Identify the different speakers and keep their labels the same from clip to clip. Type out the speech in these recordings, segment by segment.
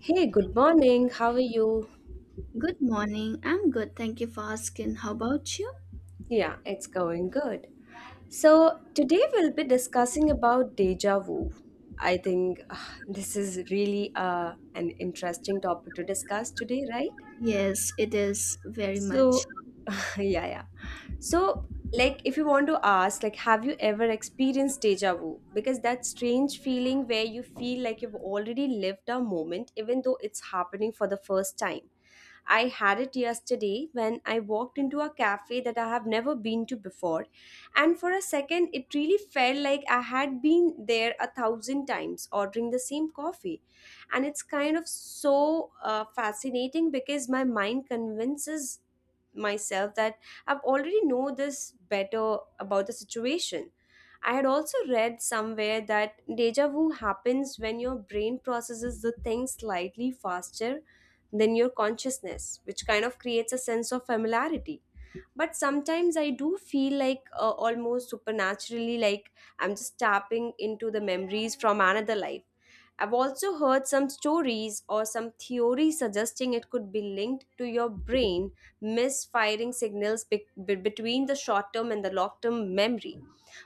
Speaker 1: Hey, good morning. How are you?
Speaker 2: Good morning. I'm good. Thank you for asking. How about you?
Speaker 1: Yeah, it's going good. So, today we'll be discussing about deja vu. I think this is really an interesting topic to discuss today, right?
Speaker 2: Yes, it is very much.
Speaker 1: So, yeah, yeah. So, like if you want to ask like have you ever experienced deja vu? Because that strange feeling where you feel like you've already lived a moment even though it's happening for the first time. I had it yesterday when I walked into a cafe that I have never been to before, and for a second, it really felt like I had been there a thousand times ordering the same coffee. And it's kind of so fascinating because my mind convinces myself that I've already know this better about the situation. I had also read somewhere that deja vu happens when your brain processes the thing slightly faster than your consciousness, which kind of creates a sense of familiarity. But sometimes I do feel like almost supernaturally, like I'm just tapping into the memories from another life. I've also heard some stories or some theories suggesting it could be linked to your brain misfiring signals between the short term and the long term memory.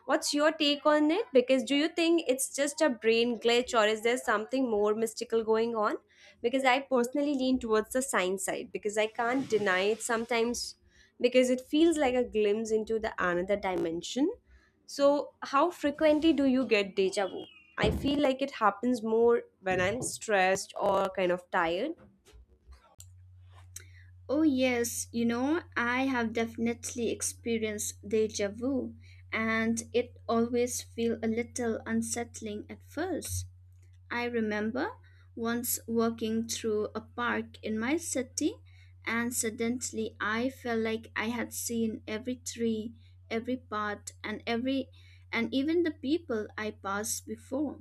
Speaker 1: What's your take on it? Because do you think it's just a brain glitch or is there something more mystical going on? Because I personally lean towards the science side because I can't deny it sometimes because it feels like a glimpse into the another dimension. So, how frequently do you get deja vu? I feel like it happens more when I'm stressed or kind of tired.
Speaker 2: Oh, yes. You know, I have definitely experienced deja vu, and it always feel a little unsettling at first. I remember once walking through a park in my city, and suddenly I felt like I had seen every tree, every path, and even the people I passed before.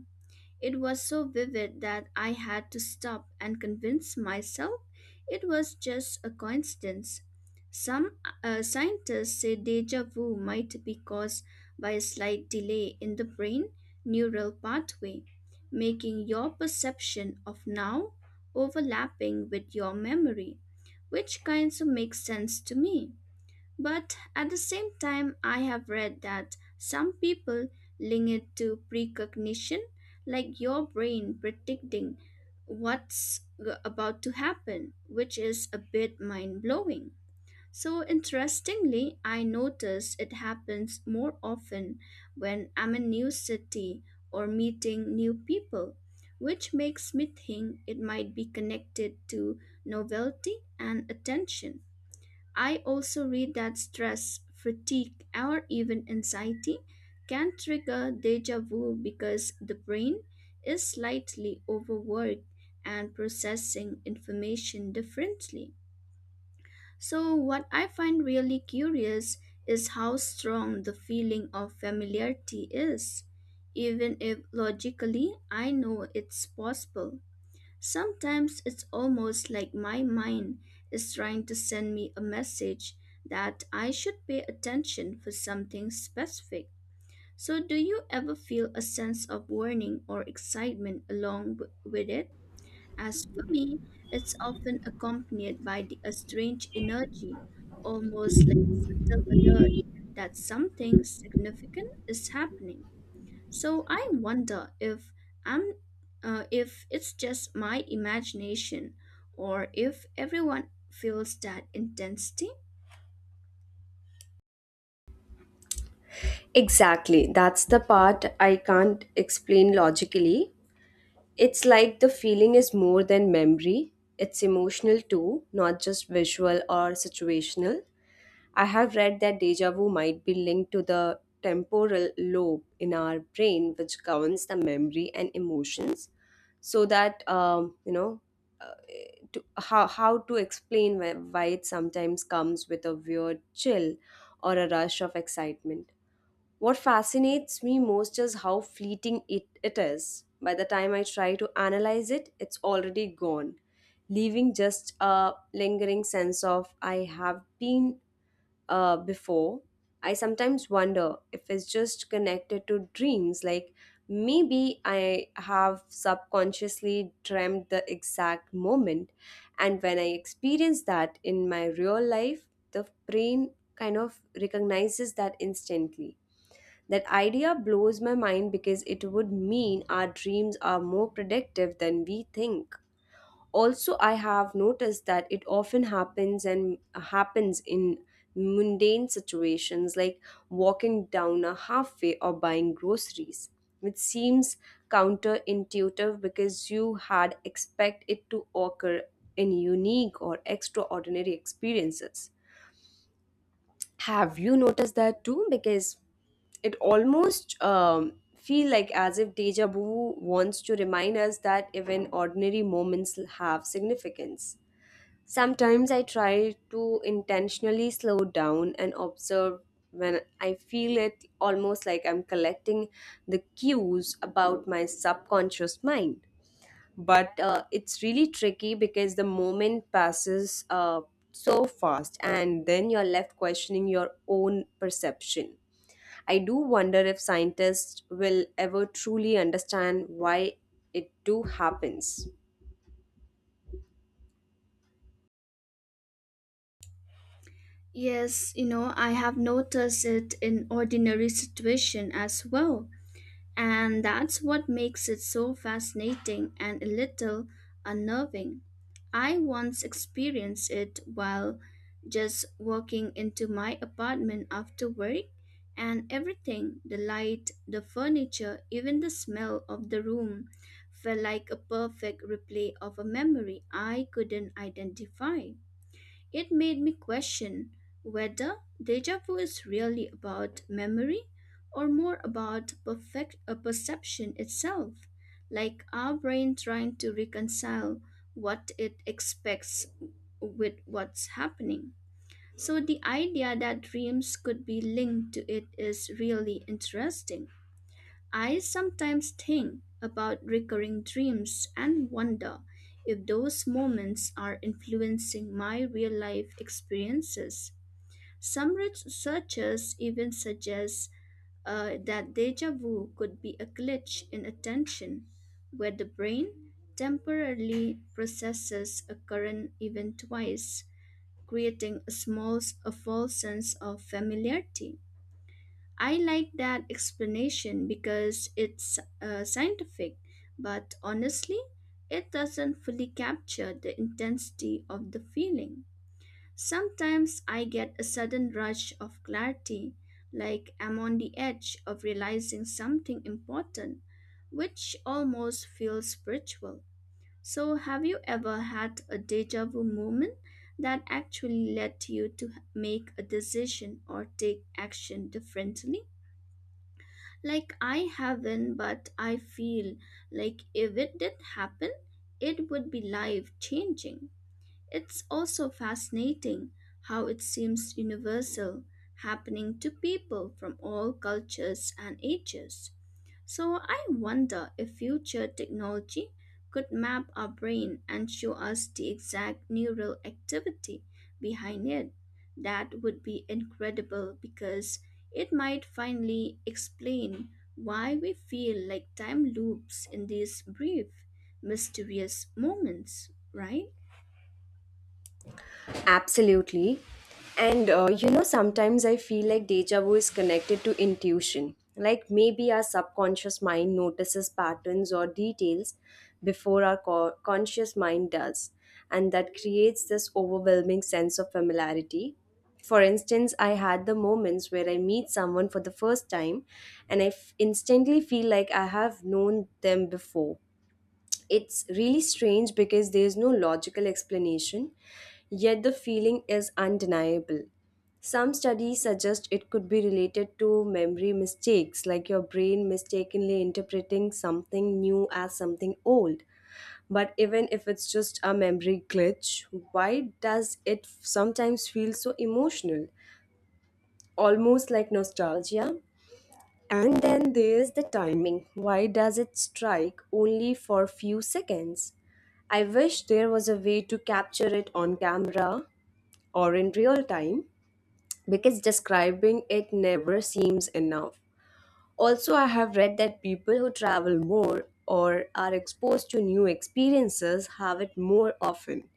Speaker 2: It was so vivid that I had to stop and convince myself it was just a coincidence. Some scientists say deja vu might be caused by a slight delay in the brain neural pathway, making your perception of now overlapping with your memory, which kind of makes sense to me. But at the same time, I have read that some people link it to precognition, like your brain predicting about to happen, which is a bit mind blowing. So, interestingly, I notice it happens more often when I'm in new city or meeting new people, which makes me think it might be connected to novelty and attention. I also read that stress, fatigue, or even anxiety can trigger deja vu because the brain is slightly overworked and processing information differently. So, what I find really curious is how strong the feeling of familiarity is, even if logically I know it's possible. Sometimes it's almost like my mind is trying to send me a message that I should pay attention for something specific. So, do you ever feel a sense of warning or excitement with it? As for me, it's often accompanied by a strange energy, almost like the alert that something significant is happening. So I wonder I'm if it's just my imagination or if everyone feels that intensity.
Speaker 1: Exactly. That's the part I can't explain logically. It's like the feeling is more than memory, it's emotional too, not just visual or situational. I have read that deja vu might be linked to the temporal lobe in our brain, which governs the memory and emotions, so that, uh, to, how to explain why it sometimes comes with a weird chill or a rush of excitement. What fascinates me most is how fleeting it is. By the time I try to analyze it, it's already gone, leaving just a lingering sense of I have been before. I sometimes wonder if it's just connected to dreams, like maybe I have subconsciously dreamt the exact moment, and when I experience that in my real life, the brain kind of recognizes that instantly. That idea blows my mind because it would mean our dreams are more predictive than we think. Also, I have noticed that it often happens in mundane situations like walking down a halfway or buying groceries, which seems counterintuitive because you had expect it to occur in unique or extraordinary experiences. Have you noticed that too? Because it almost feel like as if deja vu wants to remind us that even ordinary moments have significance. Sometimes I try to intentionally slow down and observe when I feel it, almost like I'm collecting the cues about my subconscious mind, but it's really tricky because the moment passes so fast and then you're left questioning your own perception. I do wonder if scientists will ever truly understand why it do happens.
Speaker 2: Yes, you know, I have noticed it in ordinary situation as well. And that's what makes it so fascinating and a little unnerving. I once experienced it while just walking into my apartment after work, and everything the light, the furniture, even the smell of the room felt like a perfect replay of a memory I couldn't identify. It made me question whether deja vu is really about memory or more about perfect perception itself, like our brain trying to reconcile what it expects with what's happening. So the idea that dreams could be linked to it is really interesting. I sometimes think about recurring dreams and wonder if those moments are influencing my real life experiences. Some researchers even suggest that deja vu could be a glitch in attention, where the brain temporarily processes a current event twice, creating a false sense of familiarity. I like that explanation because it's scientific, but honestly, it doesn't fully capture the intensity of the feeling. Sometimes I get a sudden rush of clarity, like I'm on the edge of realizing something important, which almost feels spiritual. So, have you ever had a deja vu moment that actually led you to make a decision or take action differently? Like I haven't, but I feel like if it did happen, it would be life changing. It's also fascinating how it seems universal, happening to people from all cultures and ages. So I wonder if future technology could map our brain and show us the exact neural activity behind it. That would be incredible because it might finally explain why we feel like time loops in these brief, mysterious moments, right?
Speaker 1: Absolutely. And sometimes I feel like deja vu is connected to intuition. Like maybe our subconscious mind notices patterns or details before our conscious mind does. And that creates this overwhelming sense of familiarity. For instance, I had the moments where I meet someone for the first time and I instantly feel like I have known them before. It's really strange because there's no logical explanation, yet the feeling is undeniable. Some studies suggest it could be related to memory mistakes, like your brain mistakenly interpreting something new as something old. But even if it's just a memory glitch, why does it sometimes feel so emotional? Almost like nostalgia. And then there's the timing. Why does it strike only for few seconds? I wish there was a way to capture it on camera or in real time because describing it never seems enough. Also, I have read that people who travel more or are exposed to new experiences have it more often.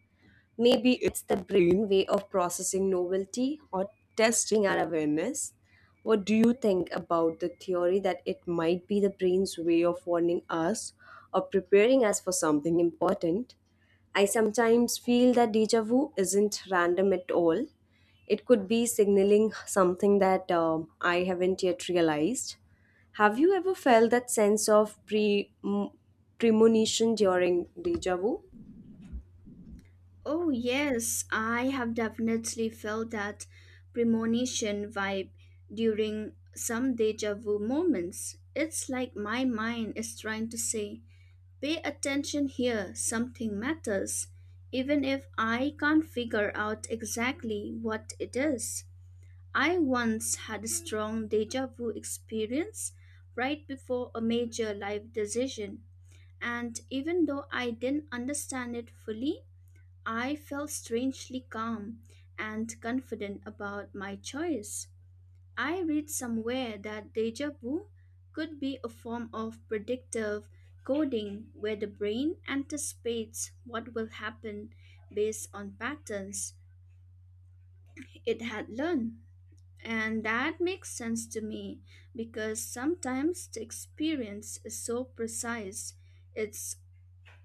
Speaker 1: Maybe it's the brain way of processing novelty or testing our awareness. What do you think about the theory that it might be the brain's way of warning us or preparing us for something important? I sometimes feel that deja vu isn't random at all. It could be signaling something that I haven't yet realized. Have you ever felt that sense of premonition during deja vu?
Speaker 2: Oh, yes, I have definitely felt that premonition vibe during some deja vu moments. It's like my mind is trying to say, pay attention here, something matters, even if I can't figure out exactly what it is. I once had a strong deja vu experience right before a major life decision, and even though I didn't understand it fully, I felt strangely calm and confident about my choice. I read somewhere that deja vu could be a form of predictive coding where the brain anticipates what will happen based on patterns it had learned. And that makes sense to me because sometimes the experience is so precise, it's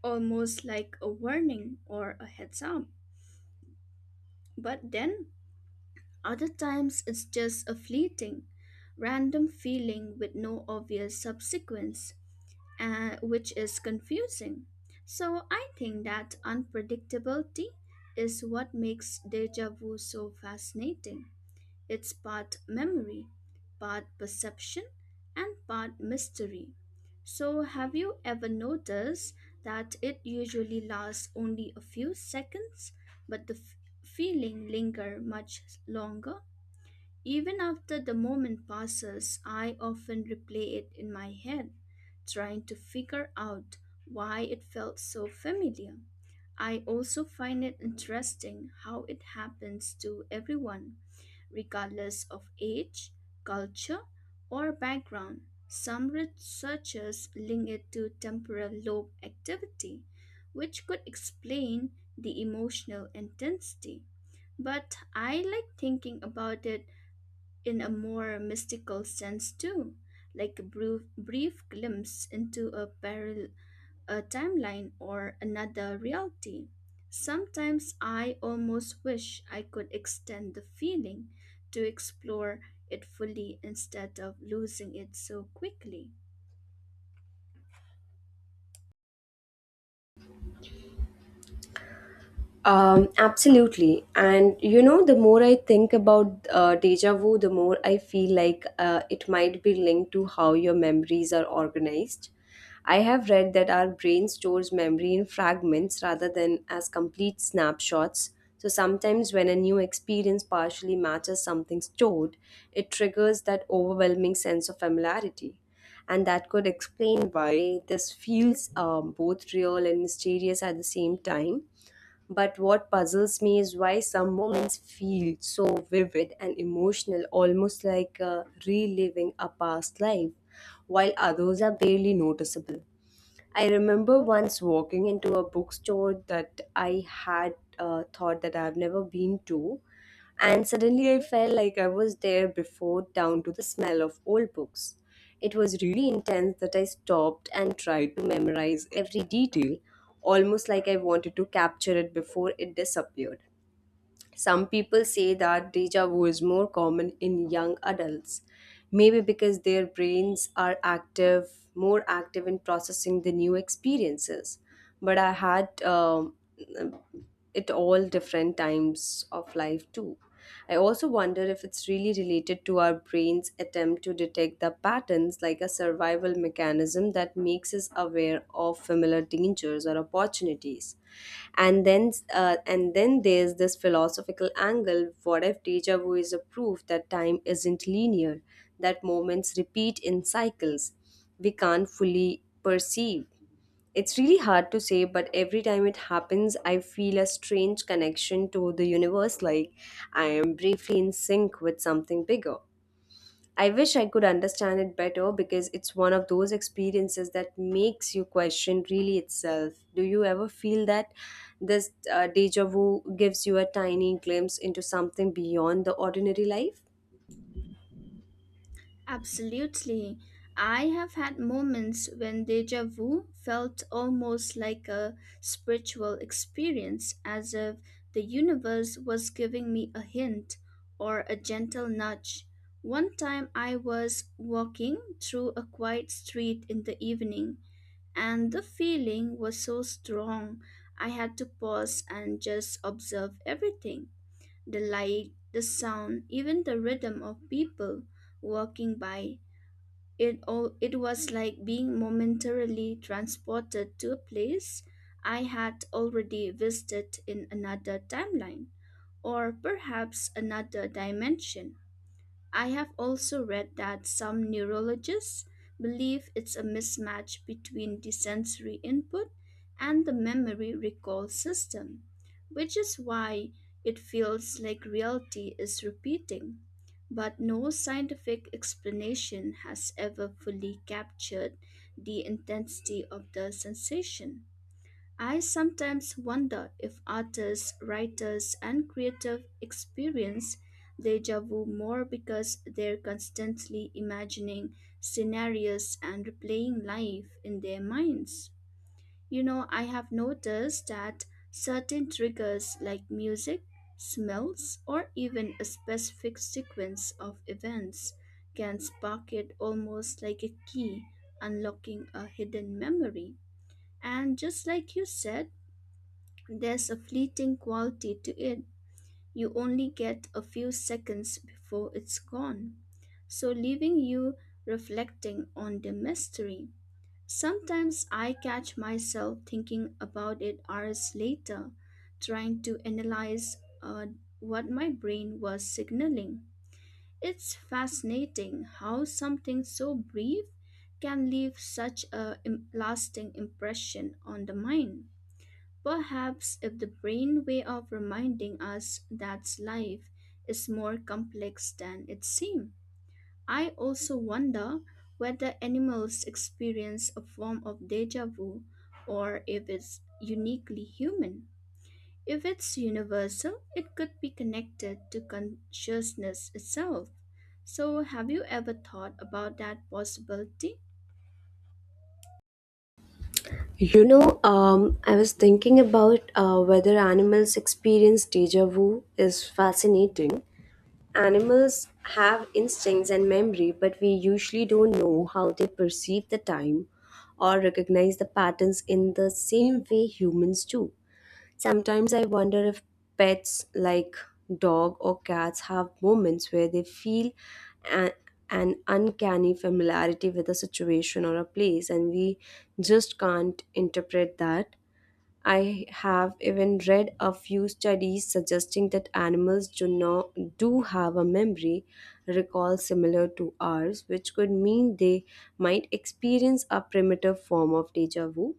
Speaker 2: almost like a warning or a heads up. But then other times it's just a fleeting, random feeling with no obvious subsequence, which is confusing. So I think that unpredictability is what makes deja vu so fascinating. It's part memory, part perception, and part mystery. So, have you ever noticed that it usually lasts only a few seconds, but the feeling linger much longer? Even after the moment passes, I often replay it in my head, trying to figure out why it felt so familiar. I also find it interesting how it happens to everyone, regardless of age, culture, or background. Some researchers link it to temporal lobe activity, which could explain the emotional intensity. But I like thinking about it in a more mystical sense too, like a brief glimpse into a timeline or another reality. Sometimes I almost wish I could extend the feeling to explore it fully instead of losing it so quickly.
Speaker 1: Absolutely. And you know, the more I think about deja vu, the more I feel like it might be linked to how your memories are organized. I have read that our brain stores memory in fragments rather than as complete snapshots. So sometimes, when a new experience partially matches something stored, it triggers that overwhelming sense of familiarity. And that could explain why this feels both real and mysterious at the same time. But what puzzles me is why some moments feel so vivid and emotional, almost like reliving a past life, while others are barely noticeable. I remember once walking into a bookstore that I had thought that I've never been to, and suddenly I felt like I was there before, down to the smell of old books. It was really intense that I stopped and tried to memorize every detail, almost like I wanted to capture it before it disappeared. Some people say that deja vu is more common in young adults, maybe because their brains are more active in processing the new experiences. But I had it all different times of life too. I also wonder if it's really related to our brain's attempt to detect the patterns like a survival mechanism that makes us aware of familiar dangers or opportunities. And then there's this philosophical angle. What if deja vu is a proof that time isn't linear, that moments repeat in cycles we can't fully perceive? It's really hard to say, but every time it happens, I feel a strange connection to the universe, like I am briefly in sync with something bigger. I wish I could understand it better because it's one of those experiences that makes you question really itself. Do you ever feel that this deja vu gives you a tiny glimpse into something beyond the ordinary life?
Speaker 2: Absolutely. I have had moments when deja vu felt almost like a spiritual experience, as if the universe was giving me a hint or a gentle nudge. One time I was walking through a quiet street in the evening, and the feeling was so strong, I had to pause and just observe everything the light, the sound, even the rhythm of people walking by. It was like being momentarily transported to a place I had already visited in another timeline or perhaps another dimension. I have also read that some neurologists believe it's a mismatch between the sensory input and the memory recall system, which is why it feels like reality is repeating. But no scientific explanation has ever fully captured the intensity of the sensation. I sometimes wonder if artists, writers, and creative experience deja vu more because they're constantly imagining scenarios and replaying life in their minds. You know, I have noticed that certain triggers like music, smells, or even a specific sequence of events can spark it almost like a key unlocking a hidden memory. And just like you said, there's a fleeting quality to it. You only get a few seconds before it's gone. So, leaving you reflecting on the mystery. Sometimes I catch myself thinking about it hours later, trying to analyze what my brain was signaling. It's fascinating how something so brief can leave such a lasting impression on the mind. Perhaps if the brain way of reminding us that life is more complex than it seems. I also wonder whether animals experience a form of deja vu or if it's uniquely human. If it's universal, it could be connected to consciousness itself. So, have you ever thought about that possibility?
Speaker 1: I was thinking about whether animals experience deja vu is fascinating. Animals have instincts and memory, but we usually don't know how they perceive the time or recognize the patterns in the same way humans do. Sometimes I wonder if pets like dog or cats have moments where they feel a- an uncanny familiarity with a situation or a place, and we just can't interpret that. I have even read a few studies suggesting that animals do not do have a memory recall similar to ours, which could mean they might experience a primitive form of deja vu,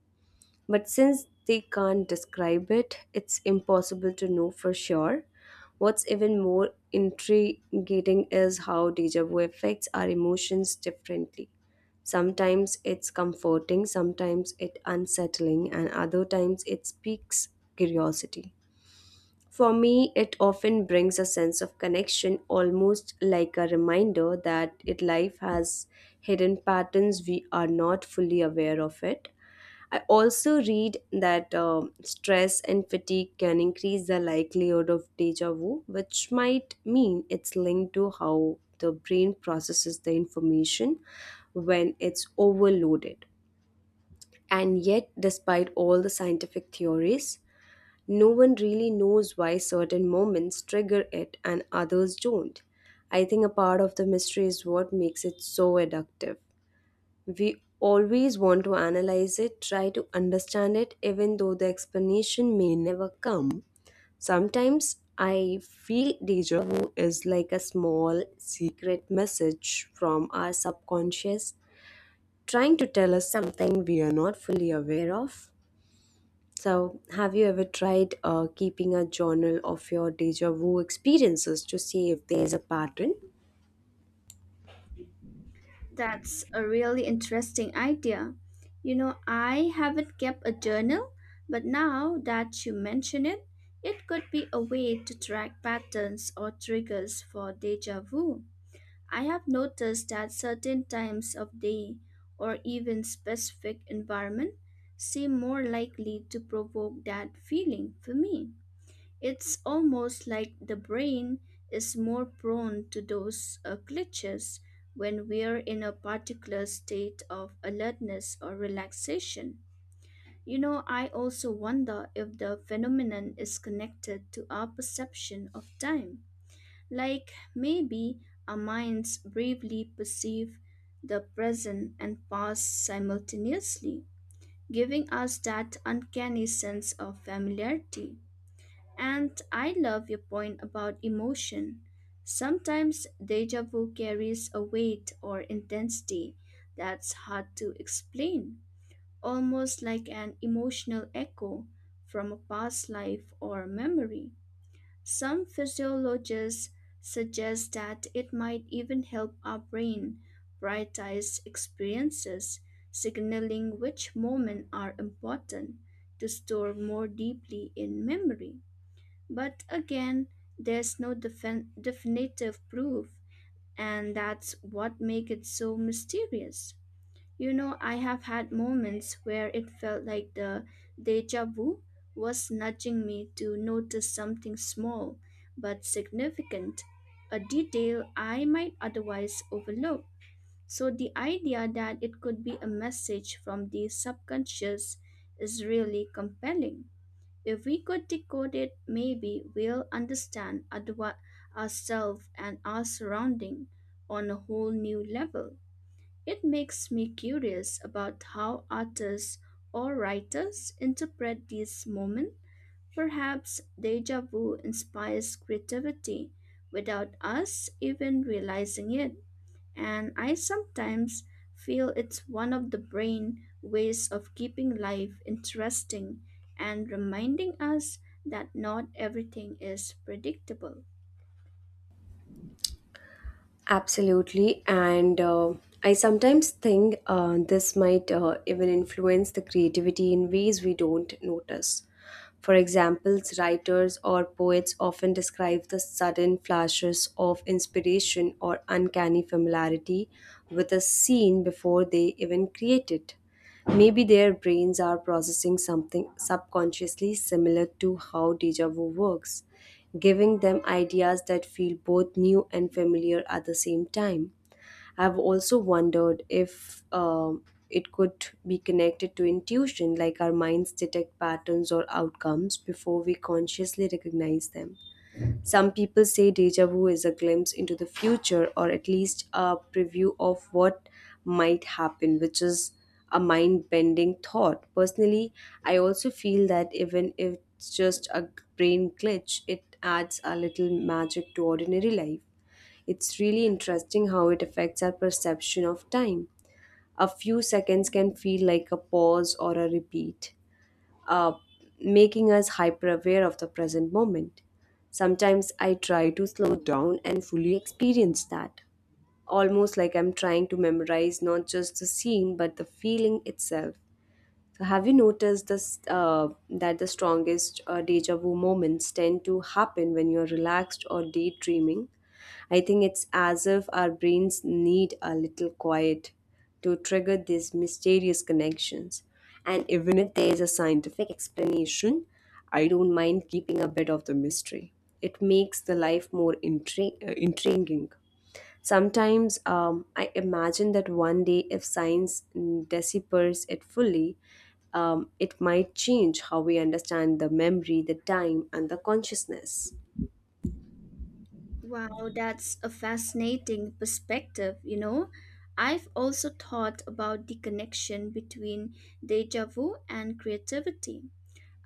Speaker 1: but since they can't describe it, it's impossible to know for sure. What's even more intriguing is how deja vu affects our emotions differently. Sometimes it's comforting, sometimes it's unsettling, and other times it speaks curiosity. For me, it often brings a sense of connection, almost like a reminder that it life has hidden patterns we are not fully aware of it. I also read that stress and fatigue can increase the likelihood of deja vu, which might mean it's linked to how the brain processes the information when it's overloaded. And yet, despite all the scientific theories, no one really knows why certain moments trigger it and others don't. I think a part of the mystery is what makes it so addictive. We always want to analyze it, try to understand it, even though the explanation may never come. Sometimes I feel deja vu is like a small secret message from our subconscious trying to tell us something we are not fully aware of. So, have you ever tried keeping a journal of your deja vu experiences to see if there is a pattern?
Speaker 2: That's a really interesting idea. You know, I haven't kept a journal, but now that you mention it, it could be a way to track patterns or triggers for deja vu. I have noticed that certain times of day or even specific environment seem more likely to provoke that feeling for me. It's almost like the brain is more prone to those glitches when we're in a particular state of alertness or relaxation. You know, I also wonder if the phenomenon is connected to our perception of time. Like maybe our minds bravely perceive the present and past simultaneously, giving us that uncanny sense of familiarity. And I love your point about emotion. Sometimes deja vu carries a weight or intensity that's hard to explain, almost like an emotional echo from a past life or memory. Some physiologists suggest that it might even help our brain prioritize experiences, signaling which moments are important to store more deeply in memory. But again, there's no definitive proof, and that's what makes it so mysterious. You know, I have had moments where it felt like the deja vu was nudging me to notice something small but significant, a detail I might otherwise overlook. So, the idea that it could be a message from the subconscious is really compelling. If we could decode it, maybe we'll understand ourselves and our surrounding on a whole new level. It makes me curious about how artists or writers interpret these moments. Perhaps deja vu inspires creativity without us even realizing it, and I sometimes feel it's one of the brain ways of keeping life interesting and reminding us that not everything is predictable.
Speaker 1: Absolutely. And I sometimes think this might even influence the creativity in ways we don't notice. For example, writers or poets often describe the sudden flashes of inspiration or uncanny familiarity with a scene before they even create it. Maybe their brains are processing something subconsciously similar to how deja vu works, giving them ideas that feel both new and familiar at the same time. I've also wondered if it could be connected to intuition, like our minds detect patterns or outcomes before we consciously recognize them. Some people say deja vu is a glimpse into the future or at least a preview of what might happen, which is a mind bending thought. Personally, I also feel that even if it's just a brain glitch, it adds a little magic to ordinary life. It's really interesting how it affects our perception of time. A few seconds can feel like a pause or a repeat, uh, making us hyper aware of the present moment. Sometimes I try to slow down and fully experience that, almost like I'm trying to memorize not just the scene but the feeling itself. So have you noticed this that the strongest deja vu moments tend to happen when you're relaxed or daydreaming? I think it's as if our brains need a little quiet to trigger these mysterious connections. And even if there is a scientific explanation, I don't mind keeping a bit of the mystery. It makes the life more intriguing. Sometimes I imagine that one day, if science deciphers it fully, it might change how we understand the memory, the time, and the consciousness.
Speaker 2: Wow, that's a fascinating perspective, you know. I've also thought about the connection between deja vu and creativity.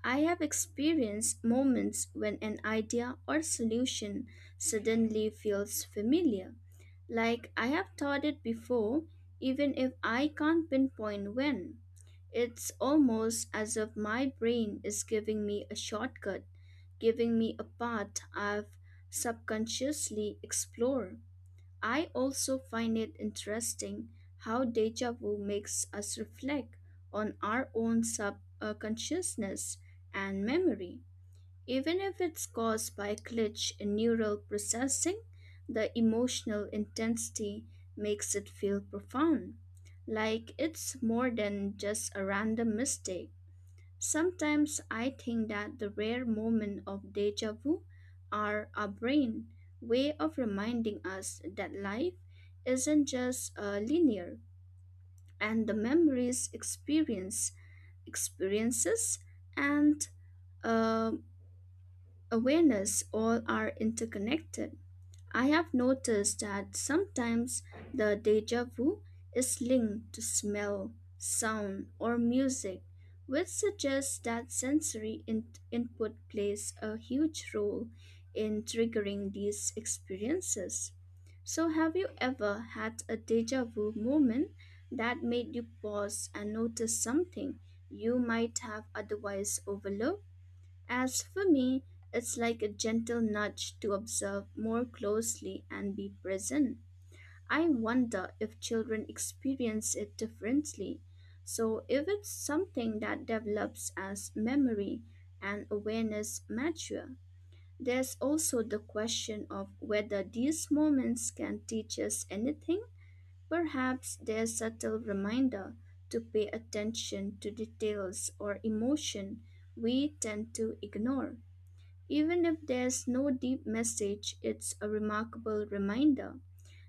Speaker 2: I have experienced moments when an idea or solution suddenly feels familiar, like I have thought it before, even if I can't pinpoint when. It's almost as if my brain is giving me a shortcut, giving me a path I've subconsciously explored. I also find it interesting how deja vu makes us reflect on our own subconsciousness and memory. Even if it's caused by a glitch in neural processing, the emotional intensity makes it feel profound, like it's more than just a random mistake. Sometimes I think that the rare moments of deja vu are our brain way of reminding us that life isn't just linear, and the memories experience experiences and uh awareness all are interconnected. I have noticed that sometimes the deja vu is linked to smell, sound, or music, which suggests that input plays a huge role in triggering these experiences. So, have you ever had a deja vu moment that made you pause and notice something you might have otherwise overlooked? As for me, it's like a gentle nudge to observe more closely and be present. I wonder if children experience it differently. So, if it's something that develops as memory and awareness mature, there's also the question of whether these moments can teach us anything. Perhaps they're subtle reminder to pay attention to details or emotion we tend to ignore. Even if there's no deep message, it's a remarkable reminder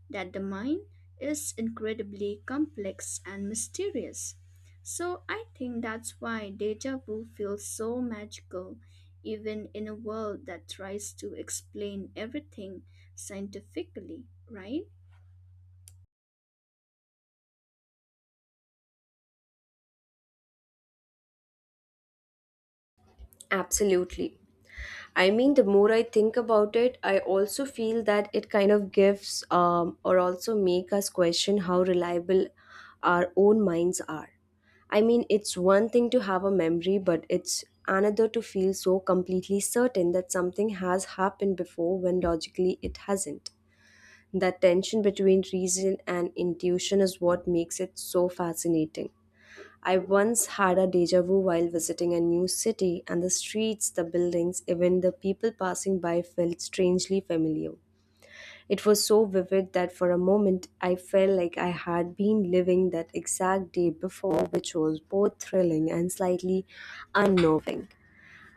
Speaker 2: that the mind is incredibly complex and mysterious. So I think that's why deja vu feels so magical, even in a world that tries to explain everything scientifically, right?
Speaker 1: Absolutely. I mean, the more I think about it, I also feel that it kind of gives or also make us question how reliable our own minds are. I mean, it's one thing to have a memory, but it's another to feel so completely certain that something has happened before when logically it hasn't. That tension between reason and intuition is what makes it so fascinating. I once had a deja vu while visiting a new city, and the streets, the buildings, even the people passing by felt strangely familiar. It was so vivid that for a moment I felt like I had been living that exact day before, which was both thrilling and slightly unnerving.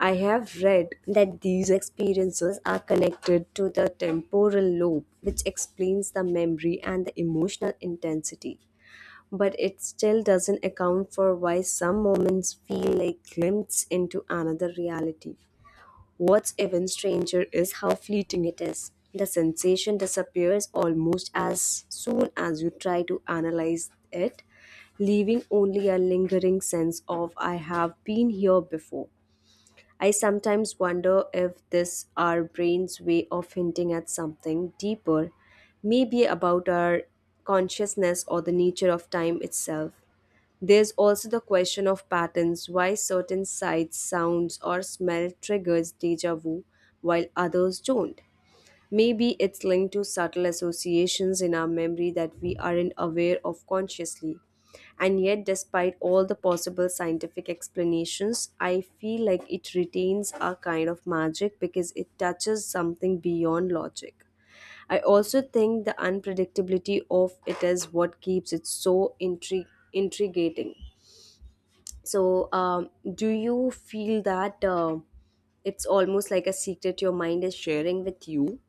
Speaker 1: I have read that these experiences are connected to the temporal lobe, which explains the memory and the emotional intensity, but it still doesn't account for why some moments feel like glimpses into another reality. What's even stranger is how fleeting it is. The sensation disappears almost as soon as you try to analyze it, leaving only a lingering sense of I have been here before. I sometimes wonder if this our brain's way of hinting at something deeper, maybe about our consciousness or the nature of time itself. There's also the question of patterns, why certain sights, sounds, or smell triggers deja vu while others don't. Maybe it's linked to subtle associations in our memory that we aren't aware of consciously. And yet, despite all the possible scientific explanations, I feel like it retains a kind of magic because it touches something beyond logic. I also think the unpredictability of it is what keeps it so intriguing. So, do you feel that it's almost like a secret your mind is sharing with you?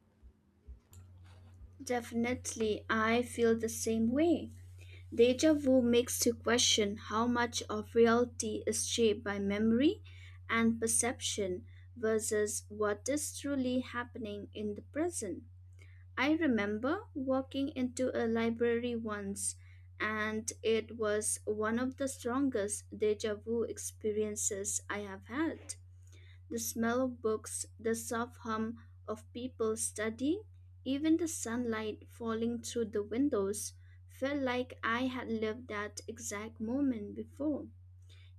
Speaker 2: Definitely, I feel the same way. Deja vu makes you question how much of reality is shaped by memory and perception versus what is truly happening in the present. I remember walking into a library once, and it was one of the strongest deja vu experiences I have had. The smell of books, the soft hum of people studying, even the sunlight falling through the windows felt like I had lived that exact moment before.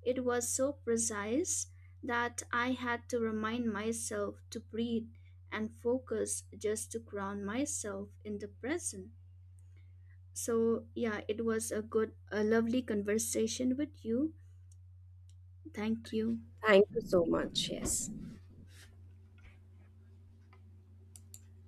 Speaker 2: It was so precise that I had to remind myself to breathe and focus just to ground myself in the present. So, yeah, it was a lovely conversation with you. Thank you.
Speaker 1: Thank you so much. Yes.